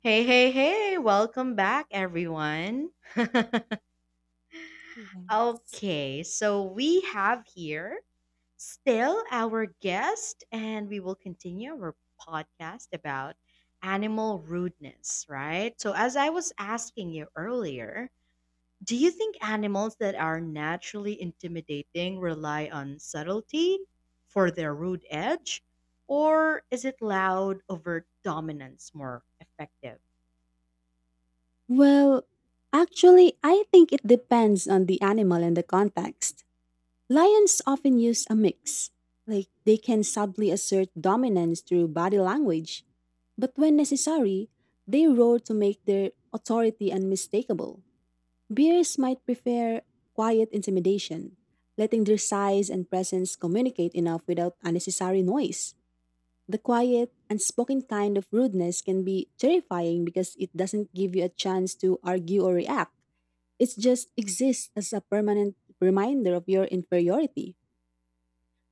Hey, hey, hey, welcome back, everyone. Mhm. Okay, so we have here still our guest, and we will continue our podcast about animal rudeness, right? So, as I was asking you earlier, do you think animals that are naturally intimidating rely on subtlety for their rude edge, or is it loud, overt dominance more effective? Well, actually, I think it depends on the animal and the context. Lions often use a mix, like they can subtly assert dominance through body language, but when necessary, they roar to make their authority unmistakable. Bears might prefer quiet intimidation, letting their size and presence communicate enough without unnecessary noise. The quiet, unspoken kind of rudeness can be terrifying because it doesn't give you a chance to argue or react. It just exists as a permanent reminder of your inferiority.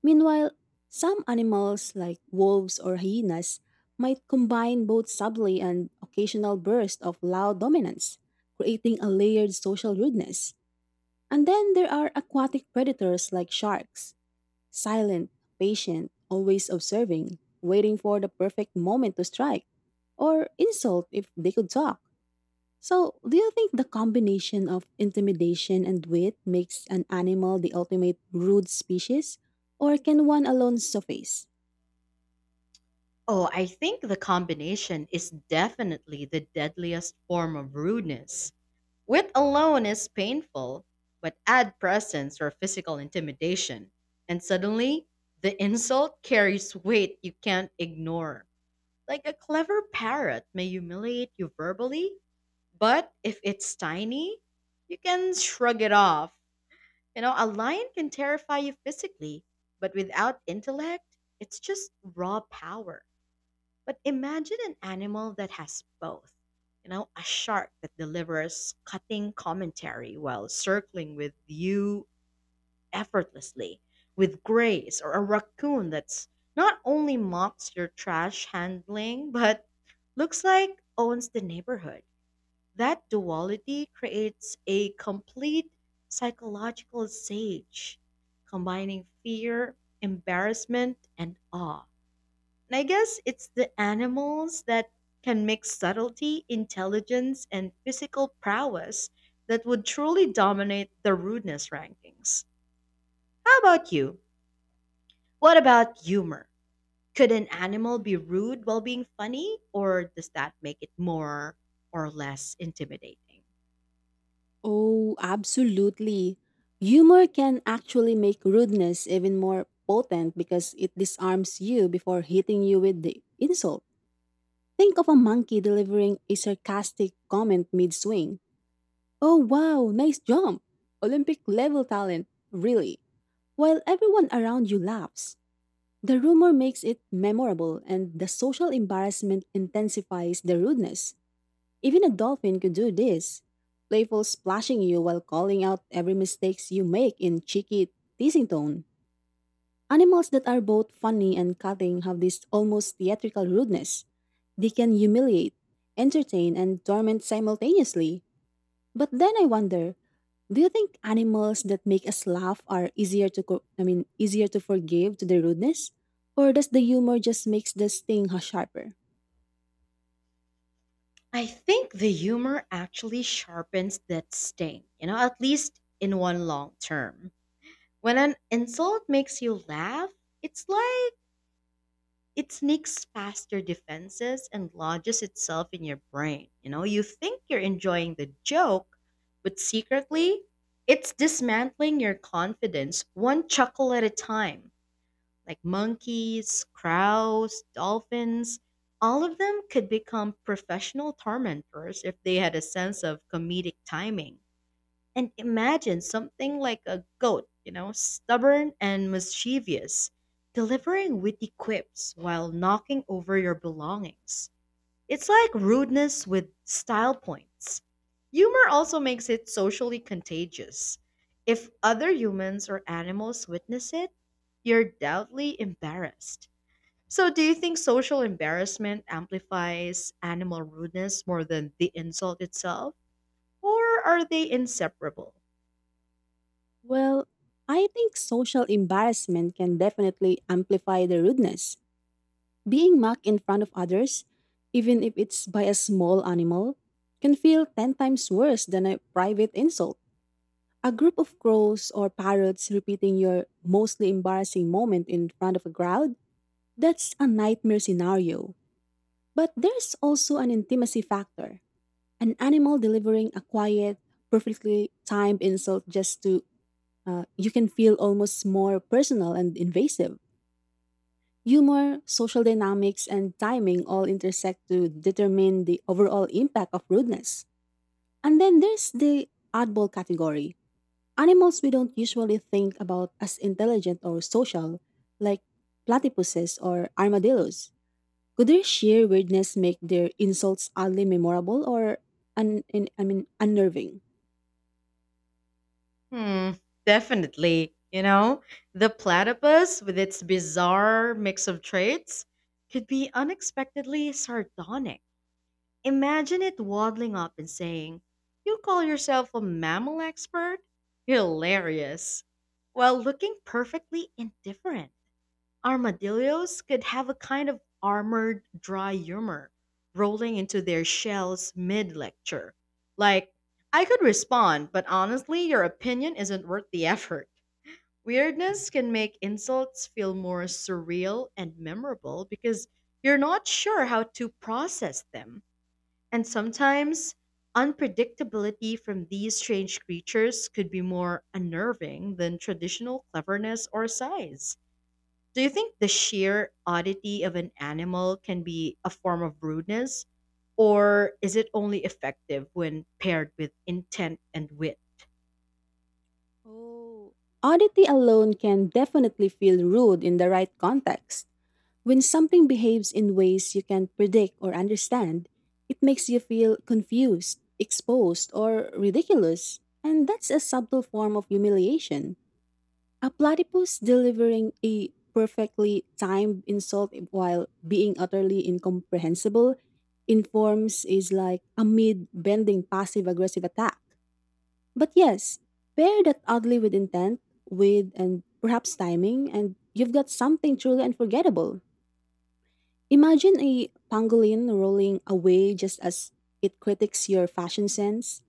Meanwhile, some animals, like wolves or hyenas, might combine both subtly and occasional bursts of loud dominance, creating a layered social rudeness. And then there are aquatic predators like sharks, silent, patient, always observing, waiting for the perfect moment to strike, or insult if they could talk. So, do you think the combination of intimidation and wit makes an animal the ultimate rude species? Or can one alone suffice? Oh, I think the combination is definitely the deadliest form of rudeness. Wit alone is painful, but add presence or physical intimidation, and suddenly the insult carries weight you can't ignore. Like a clever parrot may humiliate you verbally, but if it's tiny, you can shrug it off. You know, a lion can terrify you physically, but without intellect, it's just raw power. But imagine an animal that has both. You know, a shark that delivers cutting commentary while circling with you effortlessly, with grace, or a raccoon that's not only mocks your trash handling, but looks like owns the neighborhood. That duality creates a complete psychological sage, combining fear, embarrassment, and awe. And I guess it's the animals that can mix subtlety, intelligence, and physical prowess that would truly dominate the rudeness rankings. How about you? What about humor? Could an animal be rude while being funny, or does that make it more or less intimidating? Oh, absolutely. Humor can actually make rudeness even more potent because it disarms you before hitting you with the insult. Think of a monkey delivering a sarcastic comment mid swing. Oh, wow, nice jump! Olympic level talent, really. While everyone around you laughs, the rumor makes it memorable and the social embarrassment intensifies the rudeness. Even a dolphin could do this. Playful splashing you while calling out every mistakes you make in cheeky teasing tone. Animals that are both funny and cutting have this almost theatrical rudeness. They can humiliate, entertain, and torment simultaneously. But then I wonder, do you think animals that make us laugh are easier to I mean easier to forgive to their rudeness or does the humor just makes the sting sharper? I think the humor actually sharpens that sting, you know, at least in one long term. When an insult makes you laugh, it's like it sneaks past your defenses and lodges itself in your brain. You know, you think you're enjoying the joke, but secretly, it's dismantling your confidence one chuckle at a time. Like monkeys, crows, dolphins, all of them could become professional tormentors if they had a sense of comedic timing. And imagine something like a goat, you know, stubborn and mischievous, delivering witty quips while knocking over your belongings. It's like rudeness with style points. Humor also makes it socially contagious. If other humans or animals witness it, you're doubtly embarrassed. So, do you think social embarrassment amplifies animal rudeness more than the insult itself? Or are they inseparable? Well, I think social embarrassment can definitely amplify the rudeness. Being mocked in front of others, even if it's by a small animal, can feel 10 times worse than a private insult. A group of crows or parrots repeating your mostly embarrassing moment in front of a crowd, that's a nightmare scenario. But there's also an intimacy factor, an animal delivering a quiet, perfectly timed insult just to you can feel almost more personal and invasive. Humor, social dynamics, and timing all intersect to determine the overall impact of rudeness. And then there's the oddball category, animals we don't usually think about as intelligent or social, like platypuses or armadillos. Could their sheer weirdness make their insults oddly memorable or I mean unnerving? Hmm, Definitely. You know, the platypus, with its bizarre mix of traits, could be unexpectedly sardonic. Imagine it waddling up and saying, "You call yourself a mammal expert? Hilarious." While looking perfectly indifferent. Armadillos could have a kind of armored dry humor rolling into their shells mid lecture. Like, "I could respond, but honestly, your opinion isn't worth the effort." Weirdness can make insults feel more surreal and memorable because you're not sure how to process them. And sometimes, unpredictability from these strange creatures could be more unnerving than traditional cleverness or size. Do you think the sheer oddity of an animal can be a form of rudeness? Or is it only effective when paired with intent and wit? Oh, oddity alone can definitely feel rude in the right context. When something behaves in ways you can't predict or understand, it makes you feel confused, exposed, or ridiculous. And that's a subtle form of humiliation. A platypus delivering a perfectly timed insult while being utterly incomprehensible informs is like a mid bending passive aggressive attack. But yes, pair that oddly with intent, with and perhaps timing, and you've got something truly unforgettable. Imagine a pangolin rolling away just as it critiques your fashion sense.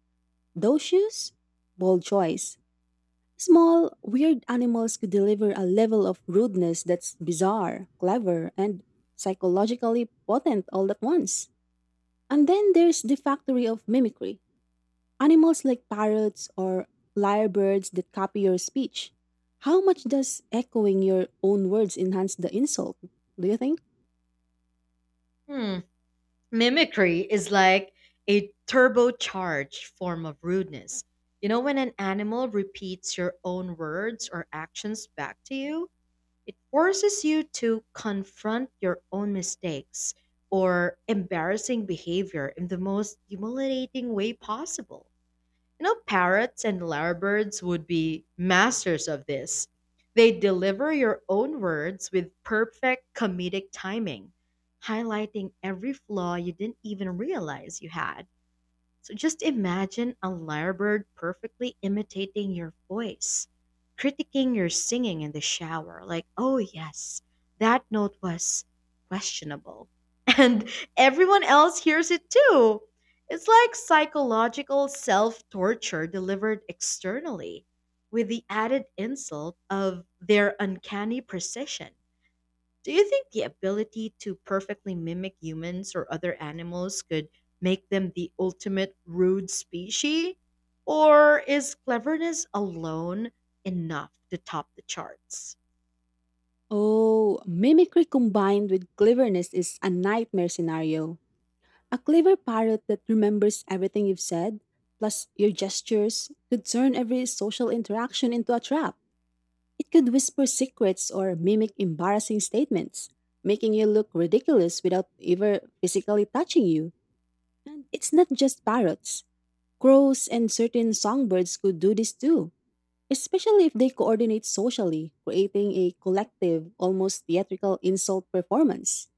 Those shoes? Bold choice. Small, weird animals could deliver a level of rudeness that's bizarre, clever, and psychologically potent all at once. And then there's the factory of mimicry, animals like parrots or lyrebirds that copy your speech. How much does echoing your own words enhance the insult? Do you think? Hmm. Mimicry is like a turbocharged form of rudeness. You know, when an animal repeats your own words or actions back to you, it forces you to confront your own mistakes or embarrassing behavior in the most humiliating way possible. You know, parrots and lyrebirds would be masters of this. They deliver your own words with perfect comedic timing, highlighting every flaw you didn't even realize you had. So just imagine a lyrebird perfectly imitating your voice, critiquing your singing in the shower, like, "Oh yes, that note was questionable." And everyone else hears it too. It's like psychological self torture delivered externally with the added insult of their uncanny precision. Do you think the ability to perfectly mimic humans or other animals could make them the ultimate rude species? Or is cleverness alone enough to top the charts? Oh, mimicry combined with cleverness is a nightmare scenario. A clever parrot that remembers everything you've said, plus your gestures, could turn every social interaction into a trap. It could whisper secrets or mimic embarrassing statements, making you look ridiculous without ever physically touching you. And it's not just parrots. Crows and certain songbirds could do this too, especially if they coordinate socially, creating a collective, almost theatrical insult performance.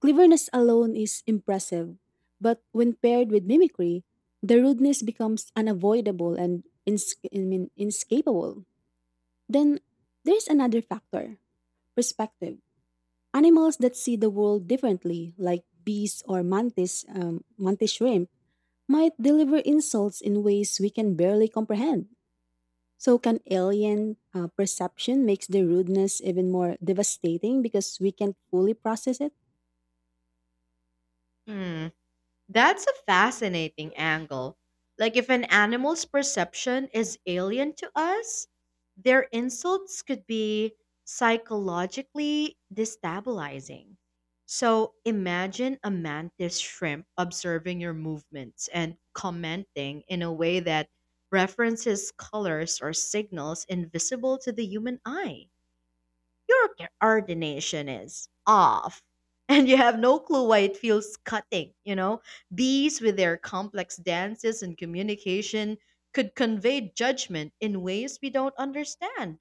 Cleverness alone is impressive, but when paired with mimicry, the rudeness becomes unavoidable and I mean, inescapable. Then there's another factor, perspective. Animals that see the world differently, like bees or mantis shrimp, might deliver insults in ways we can barely comprehend. So, can alien perception makes the rudeness even more devastating because we can't fully process it? Hmm. That's a fascinating angle. Like, if an animal's perception is alien to us, their insults could be psychologically destabilizing. So, imagine a mantis shrimp observing your movements and commenting in a way that references colors or signals invisible to the human eye. "Your coordination is off." And you have no clue why it feels cutting, you know? Bees, with their complex dances and communication, could convey judgment in ways we don't understand,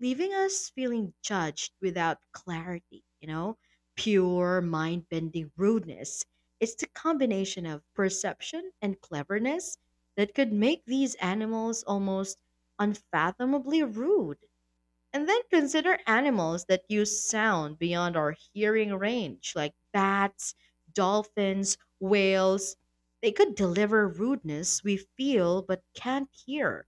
leaving us feeling judged without clarity, you know? Pure mind bending rudeness. It's the combination of perception and cleverness that could make these animals almost unfathomably rude. And then consider animals that use sound beyond our hearing range, like bats, dolphins, whales. They could deliver rudeness we feel but can't hear,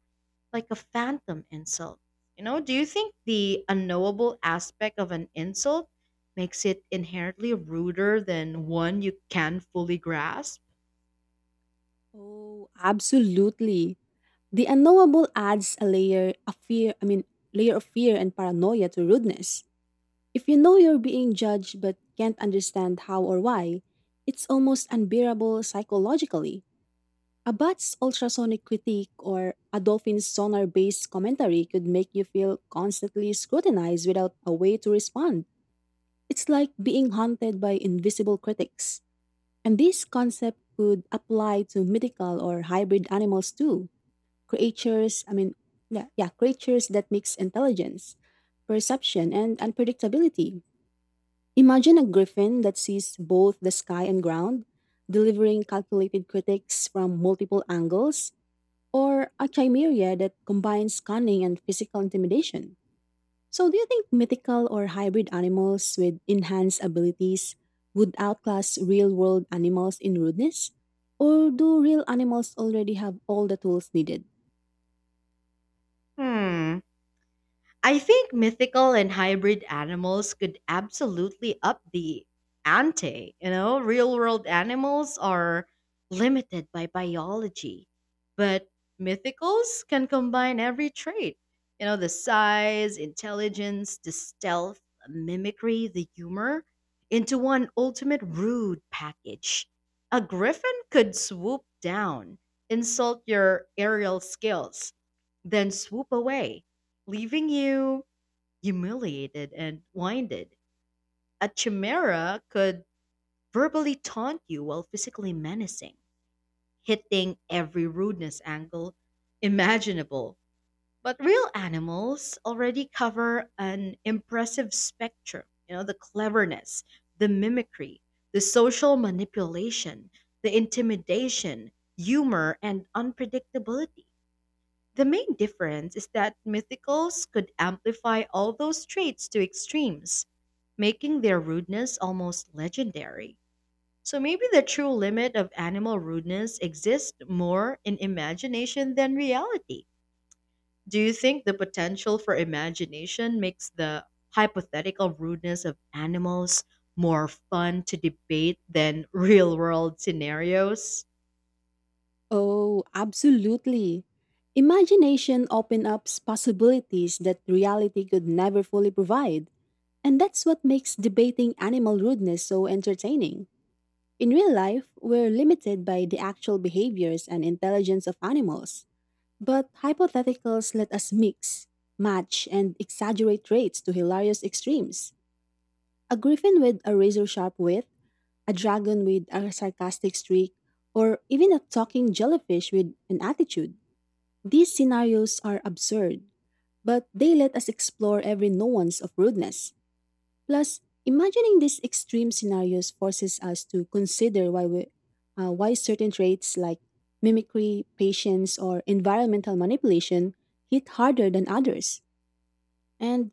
like a phantom insult. You know, do you think the unknowable aspect of an insult makes it inherently ruder than one you can fully grasp? Oh, absolutely. The unknowable adds a layer of layer of fear and paranoia to rudeness. If you know you're being judged but can't understand how or why, it's almost unbearable psychologically. A bat's ultrasonic critique or a dolphin's sonar based commentary could make you feel constantly scrutinized without a way to respond. It's like being haunted by invisible critics. And this concept could apply to mythical or hybrid animals too, creatures I mean yeah, yeah creatures that mix intelligence, perception and unpredictability. Imagine a griffin that sees both the sky and ground, delivering calculated critiques from multiple angles, or a chimera that combines cunning and physical intimidation. So do you think mythical or hybrid animals with enhanced abilities would outclass real world animals in rudeness, or do real animals already have all the tools needed? Hmm. I think mythical and hybrid animals could absolutely up the ante. You know, real world animals are limited by biology, but mythicals can combine every trait. You know, the size, intelligence, the stealth, mimicry, the humor into one ultimate rude package. A griffin could swoop down, insult your aerial skills then swoop away, leaving you humiliated and blinded. A chimera could verbally taunt you while physically menacing, hitting every rudeness angle imaginable. But real animals already cover an impressive spectrum. You know, the cleverness, the mimicry, the social manipulation, the intimidation, humor, and unpredictability the main difference is that mythicals could amplify all those traits to extremes, making their rudeness almost legendary. So maybe the true limit of animal rudeness exists more in imagination than reality. Do you think the potential for imagination makes the hypothetical rudeness of animals more fun to debate than real world scenarios? Oh, absolutely. Imagination opens up possibilities that reality could never fully provide, and that's what makes debating animal rudeness so entertaining. In real life, we're limited by the actual behaviors and intelligence of animals, but hypotheticals let us mix, match, and exaggerate traits to hilarious extremes. A griffin with a razor sharp wit, a dragon with a sarcastic streak, or even a talking jellyfish with an attitude. These scenarios are absurd, but they let us explore every nuance of rudeness. Plus, imagining these extreme scenarios forces us to consider why certain traits like mimicry, patience, or environmental manipulation hit harder than others. And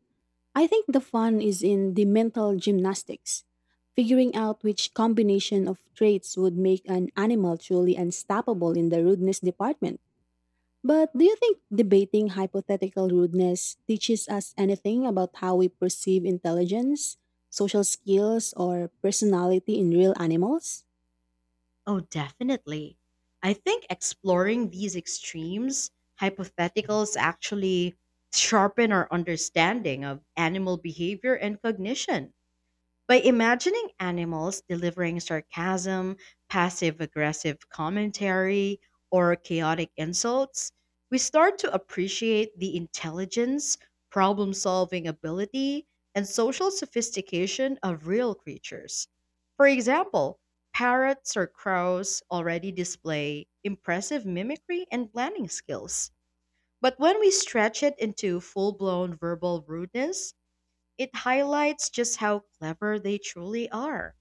I think the fun is in the mental gymnastics, figuring out which combination of traits would make an animal truly unstoppable in the rudeness department. But do you think debating hypothetical rudeness teaches us anything about how we perceive intelligence, social skills, or personality in real animals? Oh, definitely. I think exploring these extremes, hypotheticals actually sharpen our understanding of animal behavior and cognition. By imagining animals delivering sarcasm, passive aggressive commentary, or chaotic insults, we start to appreciate the intelligence, problem solving ability, and social sophistication of real creatures. For example, parrots or crows already display impressive mimicry and planning skills. But when we stretch it into full blown verbal rudeness, it highlights just how clever they truly are.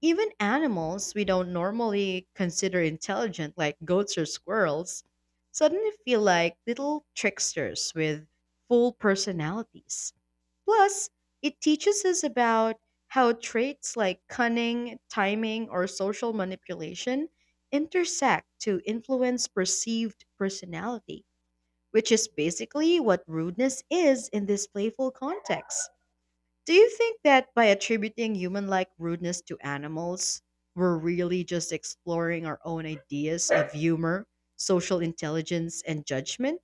Even animals we don't normally consider intelligent, like goats or squirrels, suddenly feel like little tricksters with full personalities. Plus, it teaches us about how traits like cunning, timing, or social manipulation intersect to influence perceived personality, which is basically what rudeness is in this playful context. Do you think that by attributing human like rudeness to animals, we're really just exploring our own ideas of humor, social intelligence, and judgment?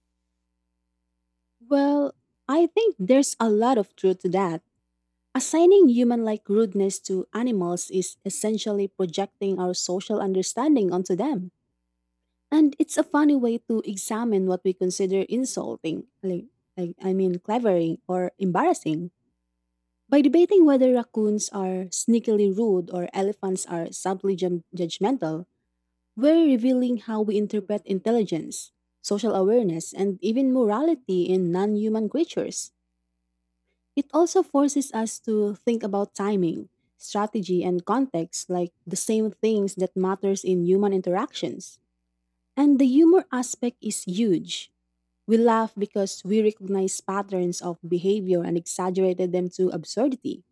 Well, I think there's a lot of truth to that. Assigning human like rudeness to animals is essentially projecting our social understanding onto them. And it's a funny way to examine what we consider insulting, like, clevering or embarrassing. By debating whether raccoons are sneakily rude or elephants are subtly judgmental, we're revealing how we interpret intelligence, social awareness, and even morality in non human creatures. It also forces us to think about timing, strategy, and context like the same things that matters in human interactions. And the humor aspect is huge. We laugh because we recognize patterns of behavior and exaggerated them to absurdity.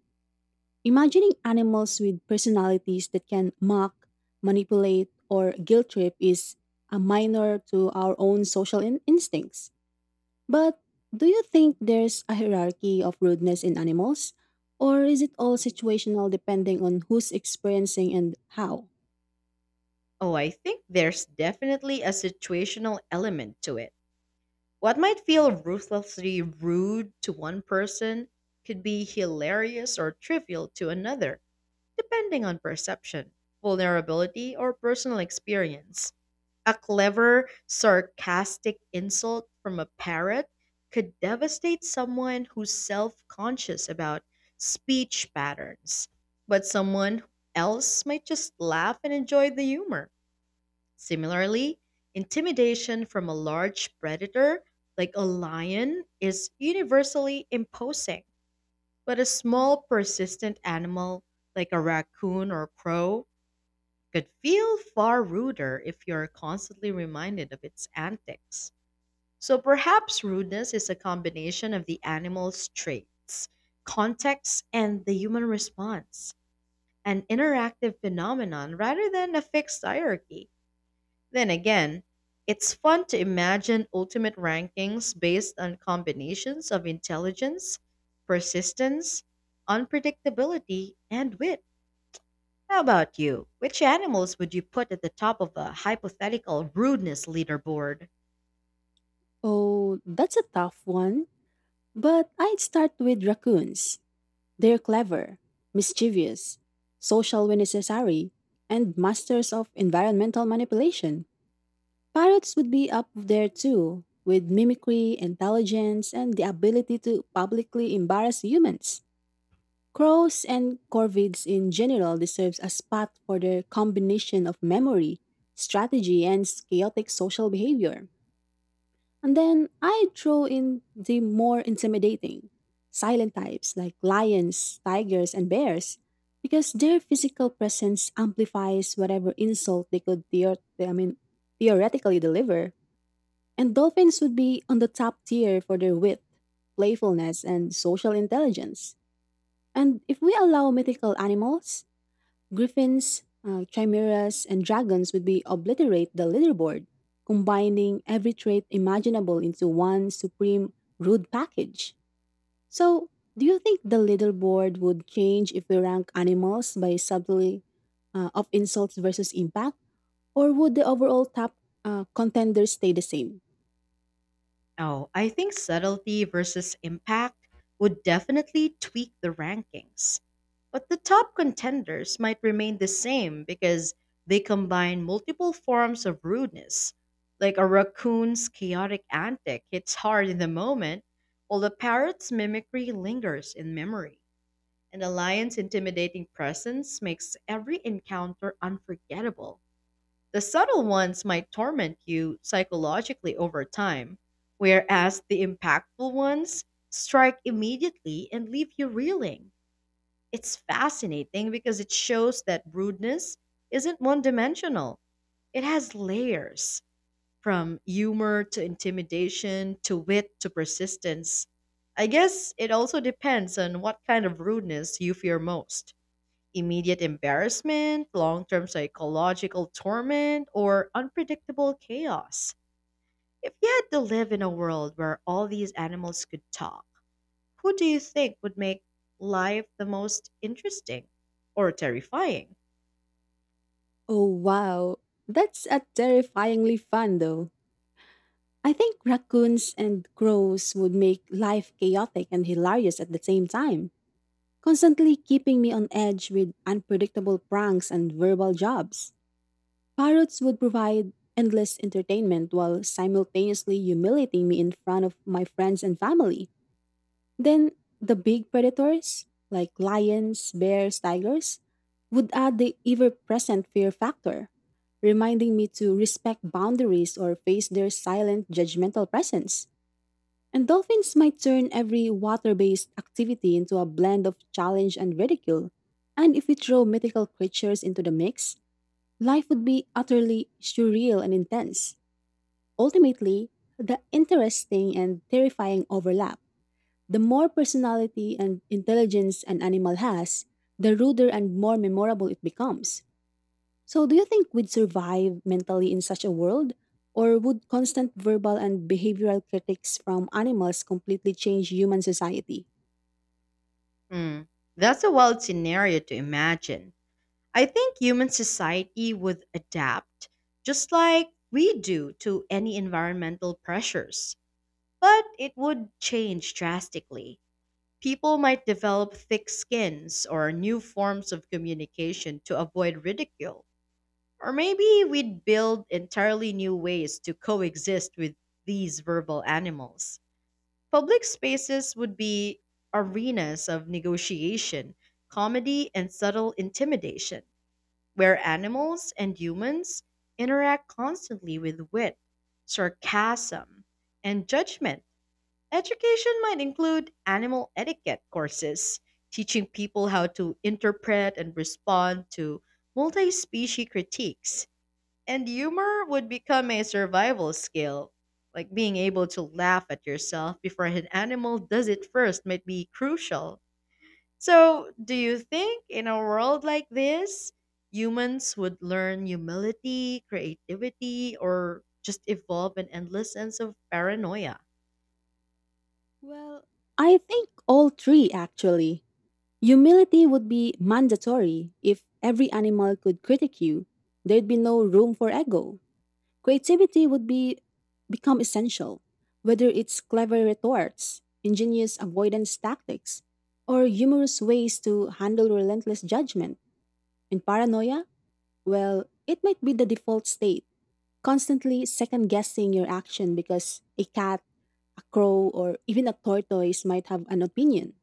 Imagining animals with personalities that can mock, manipulate, or guilt trip is a minor to our own social instincts. But do you think there's a hierarchy of rudeness in animals? Or is it all situational depending on who's experiencing and how? Oh, I think there's definitely a situational element to it. What might feel ruthlessly rude to one person could be hilarious or trivial to another, depending on perception, vulnerability, or personal experience. A clever, sarcastic insult from a parrot could devastate someone who's self conscious about speech patterns, but someone else might just laugh and enjoy the humor. Similarly, intimidation from a large predator like a lion is universally imposing, but a small, persistent animal like a raccoon or crow could feel far ruder if you're constantly reminded of its antics. So perhaps rudeness is a combination of the animal's traits, context, and the human response, an interactive phenomenon rather than a fixed hierarchy. Then again, it's fun to imagine ultimate rankings based on combinations of intelligence, persistence, unpredictability, and wit. How about you? Which animals would you put at the top of a hypothetical rudeness leaderboard? Oh, that's a tough one. But I'd start with raccoons. They're clever, mischievous, social when necessary, and masters of environmental manipulation. Parrots would be up there too, with mimicry, intelligence, and the ability to publicly embarrass humans. Crows and corvids in general deserves a spot for their combination of memory, strategy, and chaotic social behavior. And then I throw in the more intimidating, silent types like lions, tigers, and bears, because their physical presence amplifies whatever insult they could theoretically deliver. And dolphins would be on the top tier for their wit, playfulness, and social intelligence. And if we allow mythical animals, griffins, chimeras, and dragons would be obliterate the leaderboard, combining every trait imaginable into one supreme rude package. So, do you think the leaderboard would change if we rank animals by subtly of insults versus impact, or would the overall top contenders stay the same? Oh, I think subtlety versus impact would definitely tweak the rankings. But the top contenders might remain the same because they combine multiple forms of rudeness. Like a raccoon's chaotic antic hits hard in the moment, while a parrot's mimicry lingers in memory. And the lion's intimidating presence makes every encounter unforgettable. The subtle ones might torment you psychologically over time, whereas the impactful ones strike immediately and leave you reeling. It's fascinating because it shows that rudeness isn't one dimensional, it has layers from humor to intimidation to wit to persistence. I guess it also depends on what kind of rudeness you fear most. Immediate embarrassment, long term psychological torment, or unpredictable chaos. If you had to live in a world where all these animals could talk, who do you think would make life the most interesting or terrifying? Oh, wow. That's a terrifyingly fun, though. I think raccoons and crows would make life chaotic and hilarious at the same time, constantly keeping me on edge with unpredictable pranks and verbal jobs. Parrots would provide endless entertainment while simultaneously humiliating me in front of my friends and family. Then the big predators, like lions, bears, tigers, would add the ever present fear factor, reminding me to respect boundaries or face their silent, judgmental presence. And dolphins might turn every water based activity into a blend of challenge and ridicule. And if we throw mythical creatures into the mix, life would be utterly surreal and intense. Ultimately, the interesting and terrifying overlap, the more personality and intelligence an animal has, the ruder and more memorable it becomes. So, do you think we'd survive mentally in such a world? Or would constant verbal and behavioral critics from animals completely change human society? Hmm, that's a wild scenario to imagine. I think human society would adapt just like we do to any environmental pressures, but it would change drastically. People might develop thick skins or new forms of communication to avoid ridicule. Or maybe we'd build entirely new ways to coexist with these verbal animals. Public spaces would be arenas of negotiation, comedy, and subtle intimidation, where animals and humans interact constantly with wit, sarcasm, and judgment. Education might include animal etiquette courses, teaching people how to interpret and respond to multi species critiques. And humor would become a survival skill. Like being able to laugh at yourself before an animal does it first might be crucial. So, do you think in a world like this, humans would learn humility, creativity, or just evolve an endless sense of paranoia? Well, I think all three, actually. Humility would be mandatory if every animal could critique you. There'd be no room for ego. Creativity would be become essential, whether it's clever retorts, ingenious avoidance tactics, or humorous ways to handle relentless judgment. And paranoia, well, it might be the default state, constantly second guessing your action because a cat, a crow, or even a tortoise might have an opinion.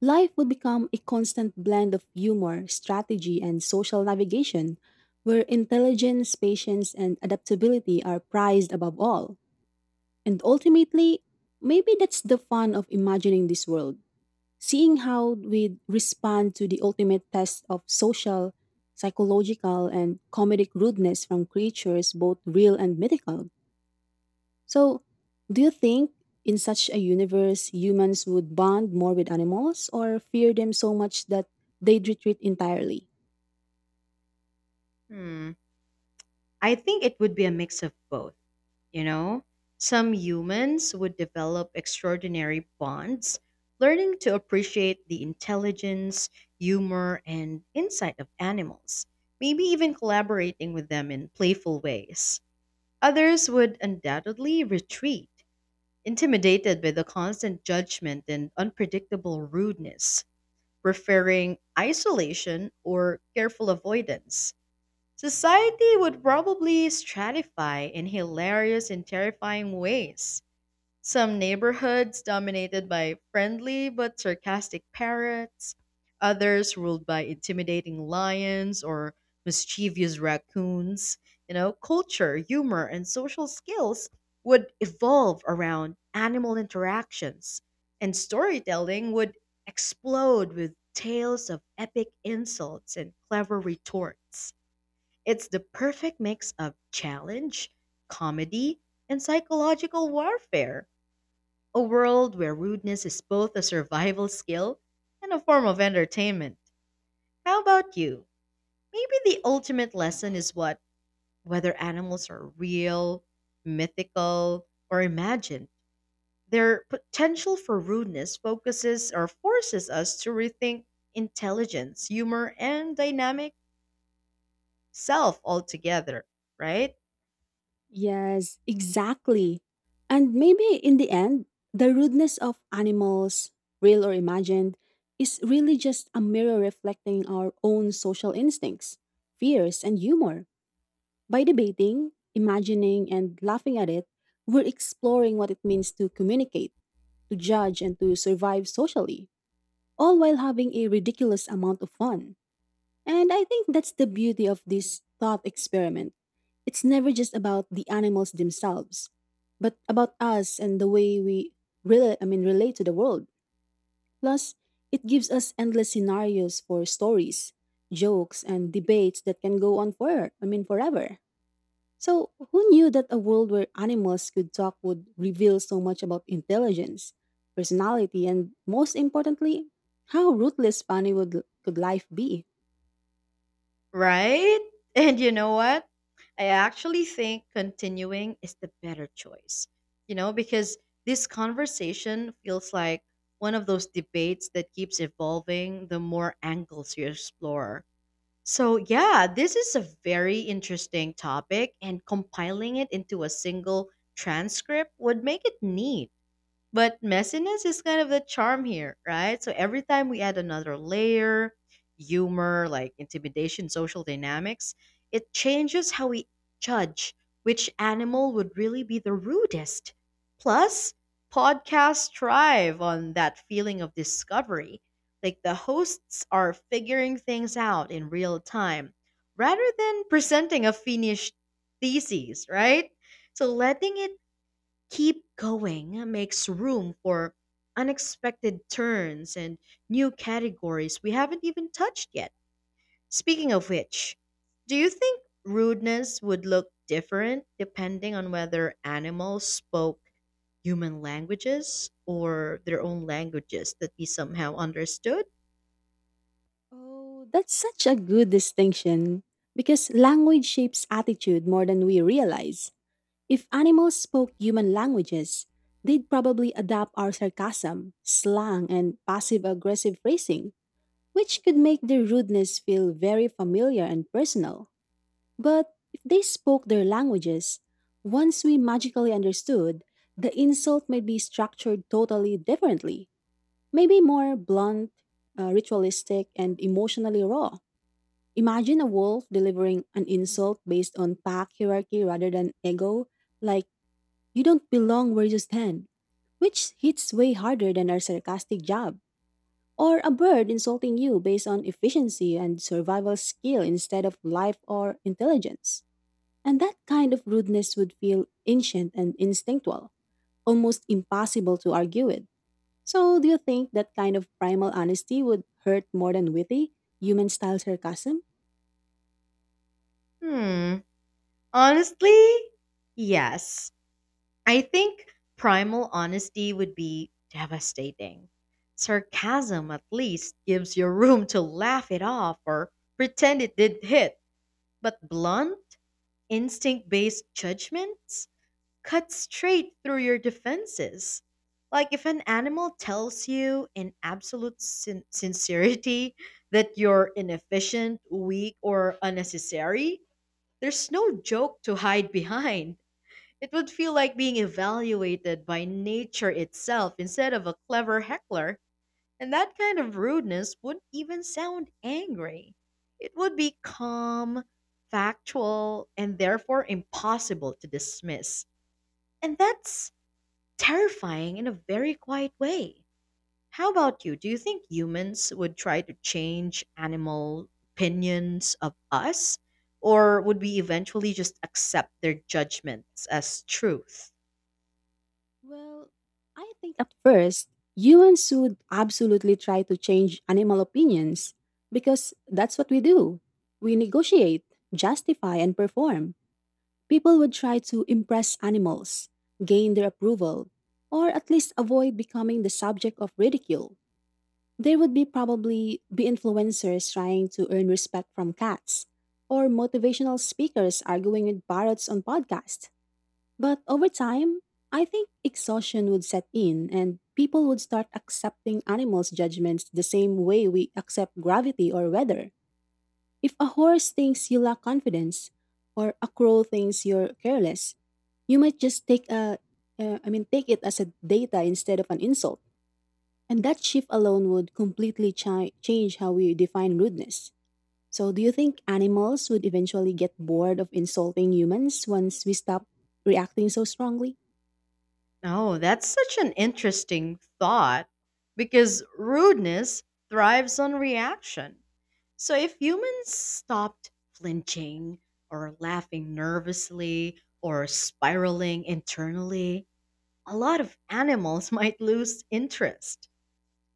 Life would become a constant blend of humor, strategy, and social navigation, where intelligence, patience, and adaptability are prized above all. And ultimately, maybe that's the fun of imagining this world, seeing how we respond to the ultimate test of social, psychological, and comedic rudeness from creatures both real and mythical. So, do you think in such a universe humans would bond more with animals or fear them so much that they'd retreat entirely? Hmm. I think it would be a mix of both, you know? Some humans would develop extraordinary bonds, learning to appreciate the intelligence, humor, and insight of animals, maybe even collaborating with them in playful ways. Others would undoubtedly retreat, intimidated by the constant judgment and unpredictable rudeness, preferring isolation or careful avoidance. Society would probably stratify in hilarious and terrifying ways. Some neighborhoods dominated by friendly but sarcastic parrots, others ruled by intimidating lions or mischievous raccoons. You know, culture, humor, and social skills would evolve around animal interactions, and storytelling would explode with tales of epic insults and clever retorts. It's the perfect mix of challenge, comedy, and psychological warfare. A world where rudeness is both a survival skill and a form of entertainment. How about you? Maybe the ultimate lesson is what whether animals are real, mythical, or imagined. Their potential for rudeness focuses or forces us to rethink intelligence, humor, and dynamic self altogether, right? Yes, exactly. And maybe in the end, the rudeness of animals, real or imagined, is really just a mirror reflecting our own social instincts, fears, and humor. By debating, imagining, and laughing at it, we're exploring what it means to communicate, to judge, and to survive socially, all while having a ridiculous amount of fun. And I think that's the beauty of this thought experiment. It's never just about the animals themselves, but about us and the way we relate to the world. Plus, it gives us endless scenarios for stories, jokes, and debates that can go on forever. So, who knew that a world where animals could talk would reveal so much about intelligence, personality, and most importantly, how ruthless funny could life be? Right? And you know what? I actually think continuing is the better choice. You know, because this conversation feels like one of those debates that keeps evolving the more angles you explore. So, yeah, this is a very interesting topic, and compiling it into a single transcript would make it neat. But messiness is kind of the charm here, right? So every time we add another layer, humor, like intimidation, social dynamics, it changes how we judge which animal would really be the rudest. Plus, podcasts thrive on that feeling of discovery. Like the hosts are figuring things out in real time rather than presenting a finished thesis, right? So letting it keep going makes room for unexpected turns and new categories we haven't even touched yet. Speaking of which, do you think rudeness would look different depending on whether animals spoke human languages or their own languages that we somehow understood? Oh, that's such a good distinction because language shapes attitude more than we realize. If animals spoke human languages, they'd probably adopt our sarcasm, slang, and passive aggressive phrasing, which could make their rudeness feel very familiar and personal. But if they spoke their languages, once we magically understood, the insult might be structured totally differently, maybe more blunt, ritualistic, and emotionally raw. Imagine a wolf delivering an insult based on pack hierarchy rather than ego, like, you don't belong where you stand, which hits way harder than our sarcastic jab. Or a bird insulting you based on efficiency and survival skill instead of life or intelligence. And that kind of rudeness would feel ancient and instinctual, almost impossible to argue with. So, do you think that kind of primal honesty would hurt more than witty, human style sarcasm? Hmm. Honestly, yes. I think primal honesty would be devastating. Sarcasm at least gives you room to laugh it off or pretend it didn't hit. But blunt, instinct based judgments cut straight through your defenses. Like if an animal tells you in absolute sincerity that you're inefficient, weak, or unnecessary, there's no joke to hide behind. It would feel like being evaluated by nature itself instead of a clever heckler, and that kind of rudeness wouldn't even sound angry. It would be calm, factual, and therefore impossible to dismiss. And that's terrifying in a very quiet way. How about you? Do you think humans would try to change animal opinions of us? Or would we eventually just accept their judgments as truth? Well, I think at first, humans should absolutely try to change animal opinions because that's what we do. We negotiate, justify, and perform. People would try to impress animals, gain their approval, or at least avoid becoming the subject of ridicule. There would be probably be influencers trying to earn respect from cats, or motivational speakers arguing with parrots on podcasts. But over time, I think exhaustion would set in and people would start accepting animals' judgments the same way we accept gravity or weather. If a horse thinks you lack confidence, or a crow thinks you're careless, you might just take it as a data instead of an insult. And that shift alone would completely change how we define rudeness. So, do you think animals would eventually get bored of insulting humans once we stop reacting so strongly? Oh, that's such an interesting thought because rudeness thrives on reaction. So if humans stopped flinching or laughing nervously or spiraling internally, a lot of animals might lose interest.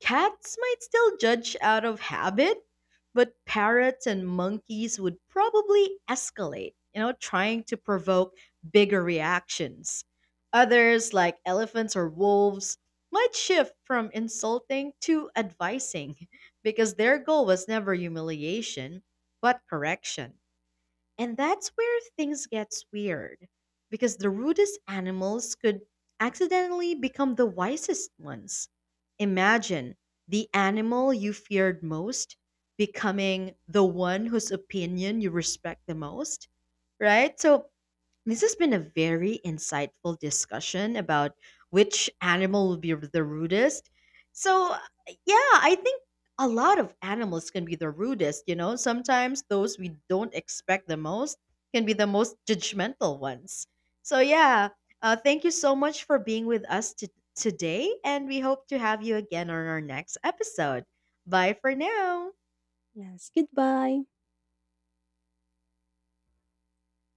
Cats might still judge out of habit, but parrots and monkeys would probably escalate, you know, trying to provoke bigger reactions. Others, like elephants or wolves, might shift from insulting to advising because their goal was never humiliation, but correction. And that's where things gets weird, because the rudest animals could accidentally become the wisest ones. Imagine the animal you feared most becoming the one whose opinion you respect the most, right? So this has been a very insightful discussion about which animal will be the rudest. So, yeah, I think a lot of animals can be the rudest, you know. Sometimes those we don't expect the most can be the most judgmental ones. So, yeah, thank you so much for being with us today, and we hope to have you again on our next episode. Bye for now. Yes, goodbye.